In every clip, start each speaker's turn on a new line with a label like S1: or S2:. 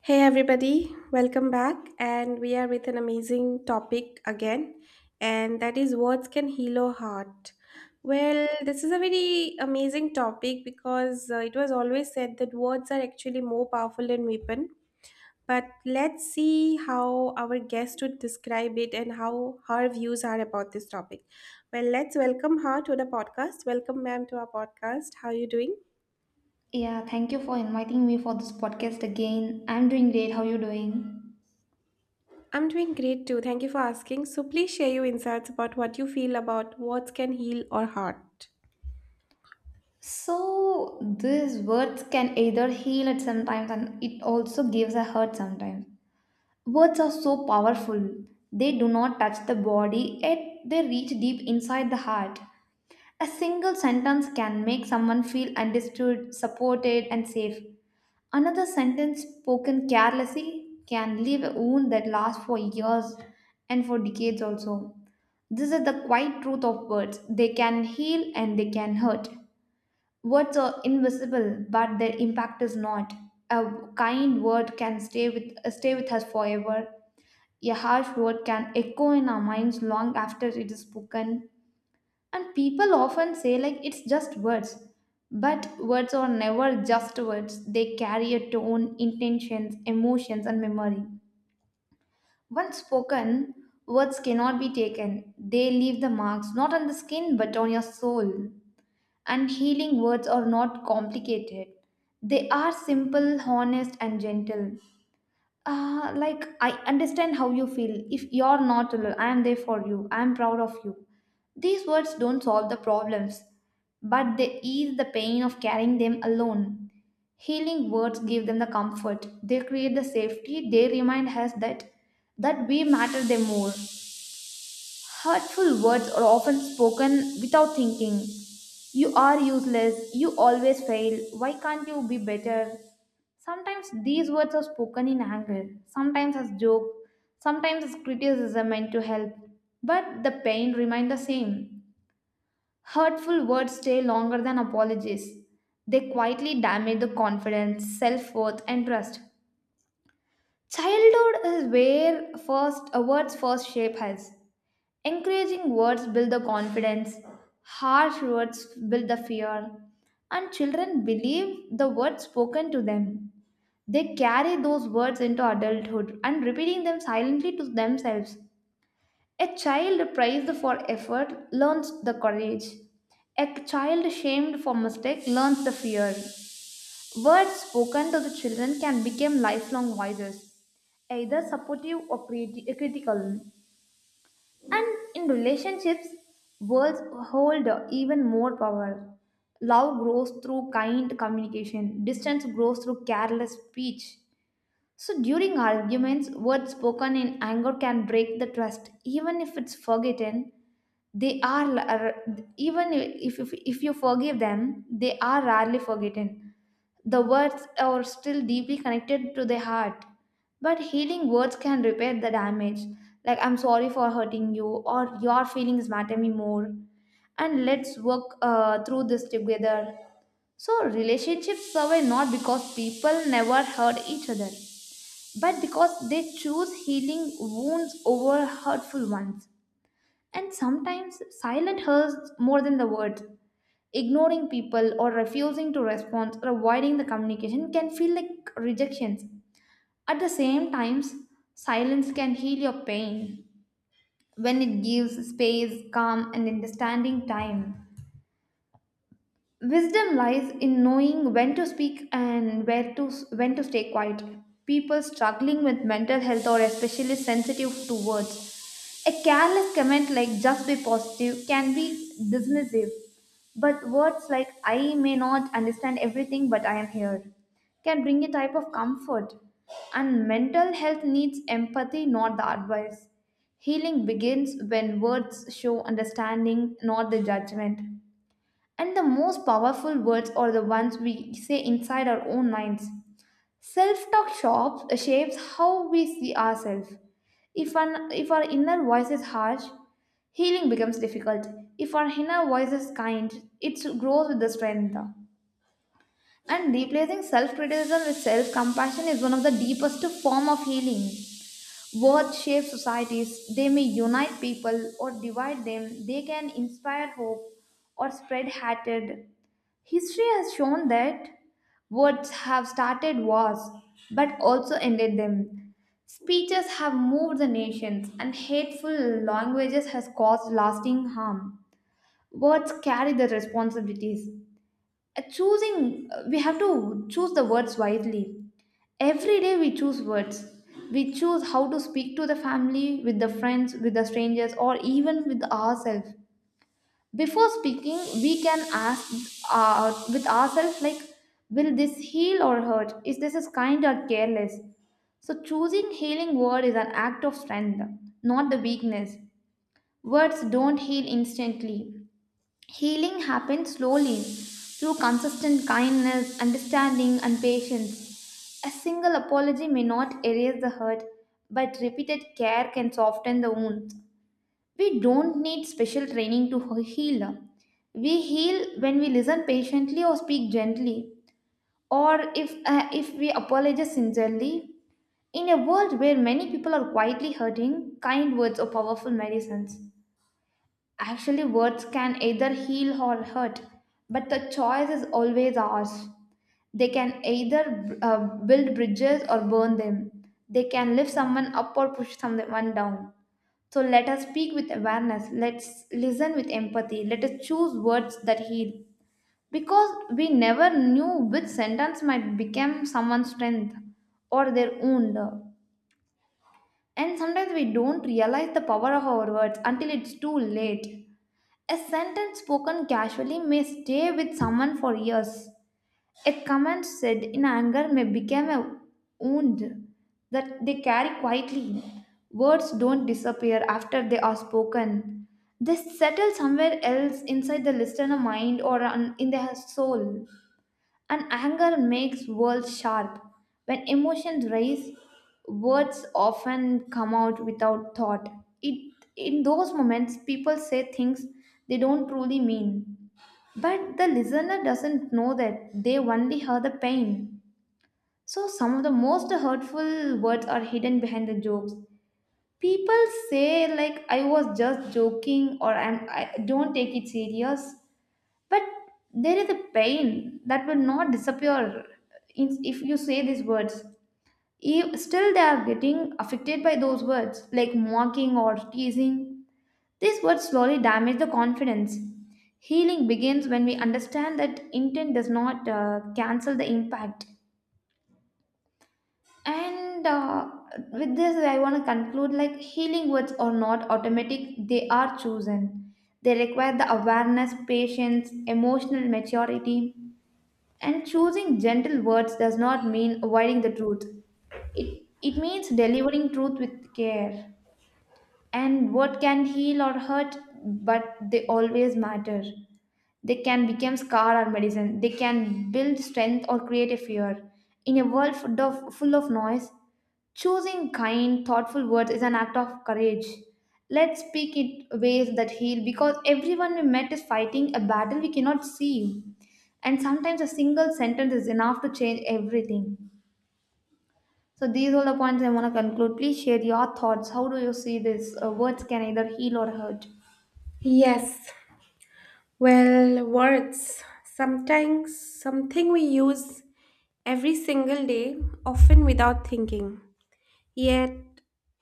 S1: Hey everybody, welcome back. And we are with an amazing topic again, and that is words can heal a heart. Well, this is a very amazing topic because it was always said that words are actually more powerful than weapon. But let's see how our guest would describe it and how her views are about this topic. Well, let's welcome her to the podcast. Welcome, ma'am, to our podcast. How are you doing?
S2: Yeah, thank you for inviting me for this podcast again. I'm doing great. How are you doing?
S1: I'm doing great too. Thank you for asking. So please share your insights about what you feel about words can heal or hurt.
S2: So, these words can either heal it sometimes and it also gives a hurt sometimes. Words are so powerful. They do not touch the body, yet they reach deep inside the heart. A single sentence can make someone feel understood, supported, and safe. Another sentence spoken carelessly can leave a wound that lasts for years and for decades also. This is the quiet truth of words. They can heal and they can hurt. Words are invisible, but their impact is not. A kind word can stay with us forever. A harsh word can echo in our minds long after it is spoken. And people often say like it's just words. But words are never just words. They carry a tone, intentions, emotions, and memory. Once spoken, words cannot be taken. They leave the marks not on the skin but on your soul. And healing words are not complicated. They are simple, honest, and gentle. Like I understand how you feel. If you're not alone, I am there for you. I am proud of you. These words don't solve the problems, but they ease the pain of carrying them alone. Healing words give them the comfort. They create the safety. They remind us that we matter them more. Hurtful words are often spoken without thinking. You are useless. You always fail. Why can't you be better? Sometimes these words are spoken in anger, sometimes as joke, sometimes as criticism meant to help. But the pain remains the same. Hurtful words stay longer than apologies. They quietly damage the confidence, self worth, and trust. Childhood is where first words first shape us. Encouraging words build the confidence, harsh words build the fear, and children believe the words spoken to them. They carry those words into adulthood and repeating them silently to themselves. A child praised for effort learns the courage. A child shamed for mistake learns the fear. Words spoken to the children can become lifelong voices, either supportive or critical. And in relationships, words hold even more power. Love grows through kind communication, distance grows through careless speech. So during arguments, words spoken in anger can break the trust, even if it's forgotten, they are la- are- even if, if you forgive them, they are rarely forgotten. The words are still deeply connected to the heart, but healing words can repair the damage, like I'm sorry for hurting you, or your feelings matter me more, and let's work through this together. So relationships survive not because people never hurt each other but because they choose healing wounds over hurtful ones. And sometimes silent hurts more than the words. Ignoring people or refusing to respond or avoiding the communication can feel like rejections. At the same times, silence can heal your pain when it gives space, calm, and understanding time. Wisdom lies in knowing when to speak and where to when to stay quiet. People struggling with mental health or especially sensitive to words. A careless comment like just be positive can be dismissive, but words like I may not understand everything but I am here can bring a type of comfort. And mental health needs empathy, not the advice. Healing begins when words show understanding, not the judgment. And the most powerful words are the ones we say inside our own minds. Self talk shapes how we see ourselves. If our inner voice is harsh, healing becomes difficult. If our inner voice is kind, it grows with the strength. And replacing self criticism with self compassion is one of the deepest form of healing. Words shape societies, they may unite people or divide them, they can inspire hope or spread hatred. History has shown that words have started wars but also ended them. Speeches have moved the nations and hateful languages has caused lasting harm. Words carry the responsibilities. Choosing we have to choose the words wisely. Every day we choose words. We choose how to speak to the family, with the friends, with the strangers or even with ourselves. Before speaking, we can ask with ourselves, like, will this heal or hurt? Is this is kind or careless? So choosing healing word is an act of strength, not the weakness. Words don't heal instantly. Healing happens slowly through consistent kindness, understanding, and patience. A single apology may not erase the hurt, but repeated care can soften the wound. We don't need special training to heal. We heal when we listen patiently or speak gently, or if we apologize sincerely. In a world where many people are quietly hurting, kind words or powerful medicines. Actually, words can either heal or hurt, but the choice is always ours. They can either build bridges or burn them. They can lift someone up or push someone down. So let us speak with awareness, let's listen with empathy, let us choose words that heal. Because we never knew which sentence might become someone's strength or their wound. And sometimes we don't realize the power of our words until it's too late. A sentence spoken casually may stay with someone for years. A comment said in anger may become a wound that they carry quietly. Words don't disappear after they are spoken. They settle somewhere else inside the listener mind or in their soul. And anger makes words sharp. When emotions rise, words often come out without thought. It in those moments people say things they don't truly mean. But the listener doesn't know that they only hear the pain. So some of the most hurtful words are hidden behind the jokes. People say like I was just joking or I don't take it serious. But there is a pain that will not disappear if you say these words. Still they are getting affected by those words like mocking or teasing. These words slowly damage the confidence. Healing begins when we understand that intent does not cancel the impact. And with this, I want to conclude, like, healing words are not automatic, they are chosen. They require the awareness, patience, emotional maturity. And choosing gentle words does not mean avoiding the truth, it means delivering truth with care. And what can heal or hurt, but they always matter. They can become scar or medicine. They can build strength or create a fear. In a world full of noise, choosing kind, thoughtful words is an act of courage. Let's speak it ways that heal because everyone we met is fighting a battle we cannot see. And sometimes a single sentence is enough to change everything. So, these are the points I want to conclude. Please share your thoughts. How do you see this? Words can either heal or hurt.
S1: Yes. Well, words sometimes something we use every single day, often without thinking. Yet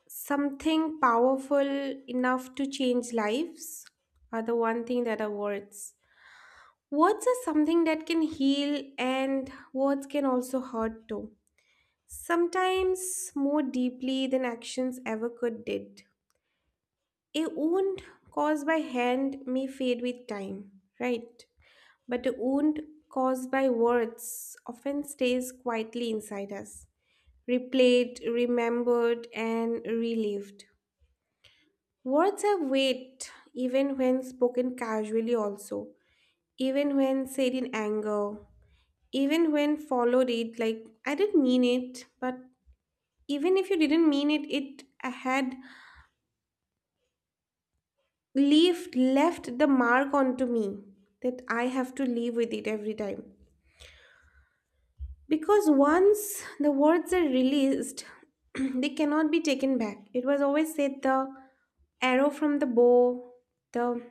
S1: something powerful enough to change lives are the one thing that are words. Words are something that can heal and words can also hurt too. Sometimes more deeply than actions ever could did. A wound caused by hand may fade with time, right? But a wound caused by words often stays quietly inside us, replayed, remembered, and relived. Words have weight even when spoken casually, also, even when said in anger, even when followed it like I didn't mean it, but even if you didn't mean it, it had left the mark onto me that I have to live with it every time. Because once the words are released, they cannot be taken back. It was always said the arrow from the bow, the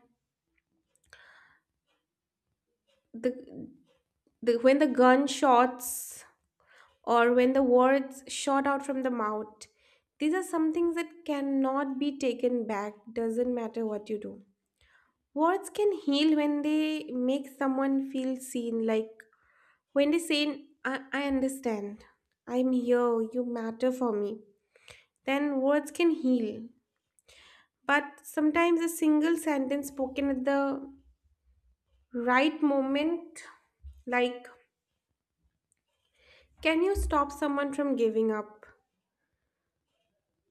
S1: the, the when the gun shots or when the words shot out from the mouth. These are some things that cannot be taken back, doesn't matter what you do. Words can heal when they make someone feel seen, like when they say, I understand, I'm here, you matter for me. Then words can heal. But sometimes a single sentence spoken at the right moment, like, can you stop someone from giving up?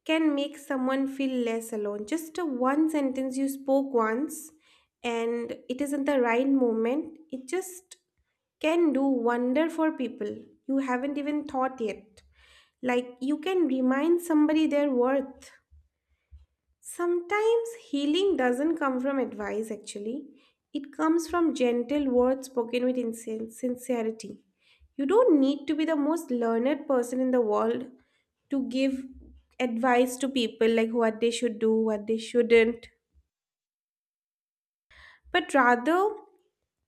S1: Can make someone feel less alone. Just a one sentence you spoke once and it is in the right moment, it just can do wonder for people you haven't even thought yet, like you can remind somebody their worth. Sometimes healing doesn't come from advice, actually it comes from gentle words spoken with sincerity. You don't need to be the most learned person in the world to give advice to people like what they should do, what they shouldn't. But rather,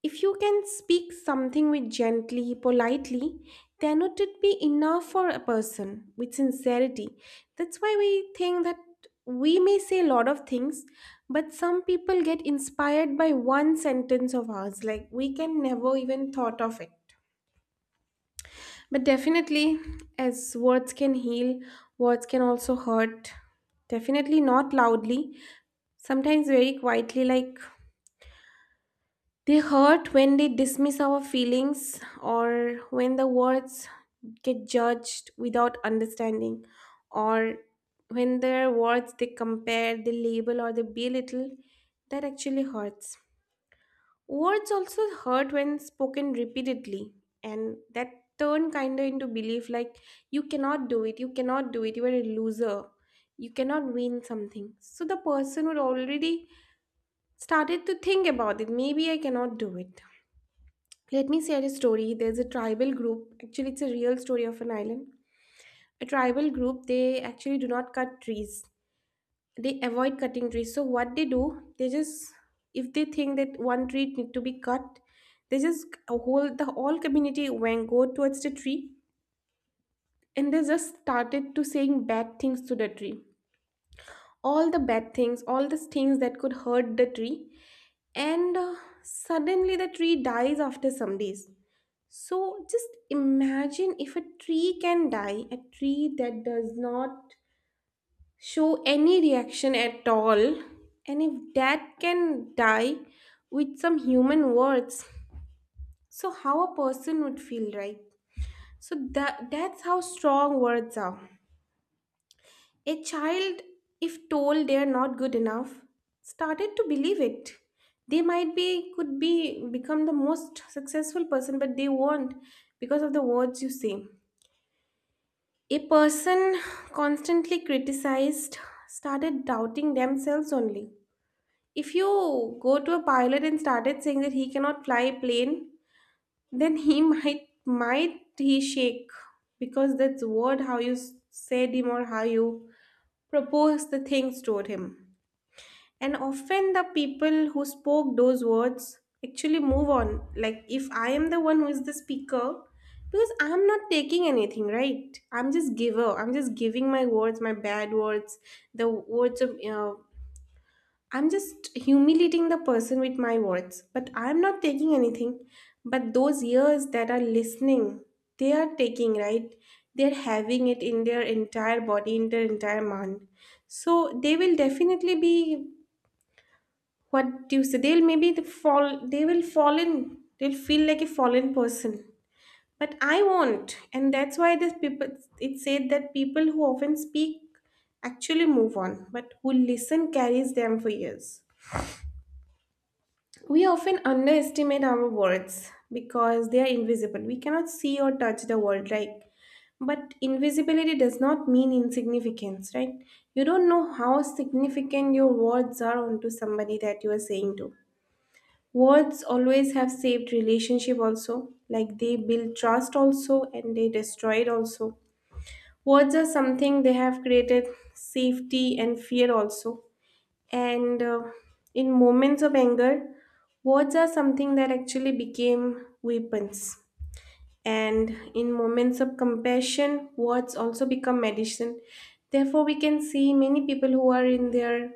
S1: if you can speak something with gently, politely, then would it be enough for a person with sincerity? That's why we think that we may say a lot of things, but some people get inspired by one sentence of ours, like we can never even thought of it. But definitely, as words can heal, words can also hurt. Definitely not loudly, sometimes very quietly, like they hurt when they dismiss our feelings or when the words get judged without understanding, or when their words they compare, they label or they belittle, that actually hurts. Words also hurt when spoken repeatedly and that turn kinda into belief, like you cannot do it, you cannot do it, you are a loser, you cannot win something. So the person would already started to think about it, maybe I cannot do it. Let me share a story. There's a tribal group. Actually, it's a real story of an island. A tribal group, they actually do not cut trees. They avoid cutting trees. So what they do, they just if they think that one tree need to be cut, they just a whole the whole community went go towards the tree and they just started to saying bad things to the tree. All the bad things, all the things that could hurt the tree. And suddenly the tree dies after some days. So just imagine if a tree can die, a tree that does not show any reaction at all, and if that can die with some human words, so how a person would feel, right? So that's how strong words are. A child, if told they are not good enough, started to believe it. They might be could be become the most successful person, but they won't because of the words you say. A person constantly criticized started doubting themselves only. If you go to a pilot and started saying that he cannot fly a plane, then he might he shake because that's word how you said him or how you proposed the things toward him. And often the people who spoke those words actually move on. Like if I am the one who is the speaker, because I'm not taking anything, right? I'm just giver. I'm just giving my words, my bad words, the words of I'm just humiliating the person with my words. But I'm not taking anything. But those ears that are listening, they are taking, right? They're having it in their entire body, in their entire mind. So they will definitely be, what do you say, they'll maybe they fall, they'll feel like a fallen person, but I won't. And that's why this people, it said that people who often speak actually move on, but who listen carries them for years. We often underestimate our words because they are invisible, we cannot see or touch the world. Right, but invisibility does not mean insignificance, right? You don't know how significant your words are onto somebody that you are saying to. Words always have saved relationship also, like they build trust also and they destroy it also. Words are something they have created safety and fear also. And in moments of anger, words are something that actually became weapons. And in moments of compassion, words also become medicine. Therefore, we can see many people who are in their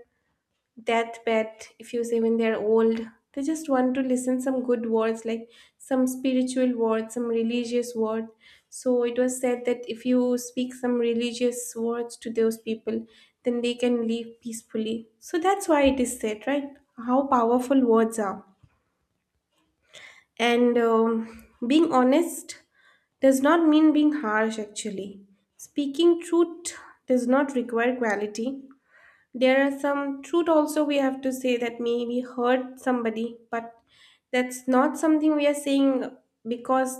S1: deathbed, if you say, when they're old they just want to listen some good words, like some spiritual word, some religious word. So it was said that if you speak some religious words to those people, then they can live peacefully. So that's why it is said, right, how powerful words are. And being honest does not mean being harsh, actually speaking truth does not require quality. There are some truth also we have to say that maybe hurt somebody, but that's not something we are saying because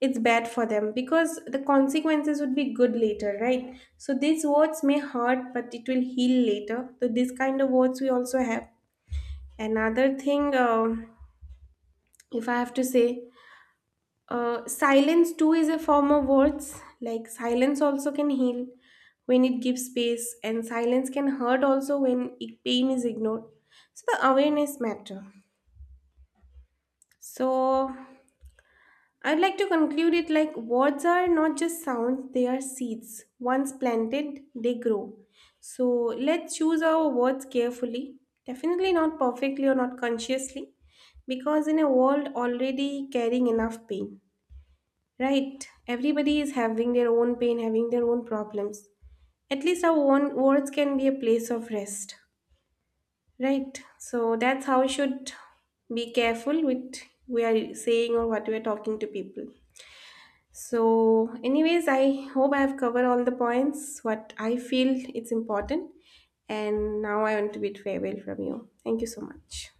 S1: it's bad for them, because the consequences would be good later, right? So these words may hurt, but it will heal later. So this kind of words we also have. Another thing, if I have to say, silence too is a form of words. Like silence also can heal when it gives space, and silence can hurt also when it, pain is ignored. So the awareness matter. So I'd like to conclude it like words are not just sounds; they are seeds. Once planted, they grow. So let's choose our words carefully. Definitely not perfectly or not consciously, because in a world already carrying enough pain. Right. Everybody is having their own pain, having their own problems. At least our own words can be a place of rest. Right. So that's how we should be careful with we are saying or what we are talking to people. So, anyways, I hope I have covered all the points what I feel it's important. And now I want to bid farewell from you. Thank you so much.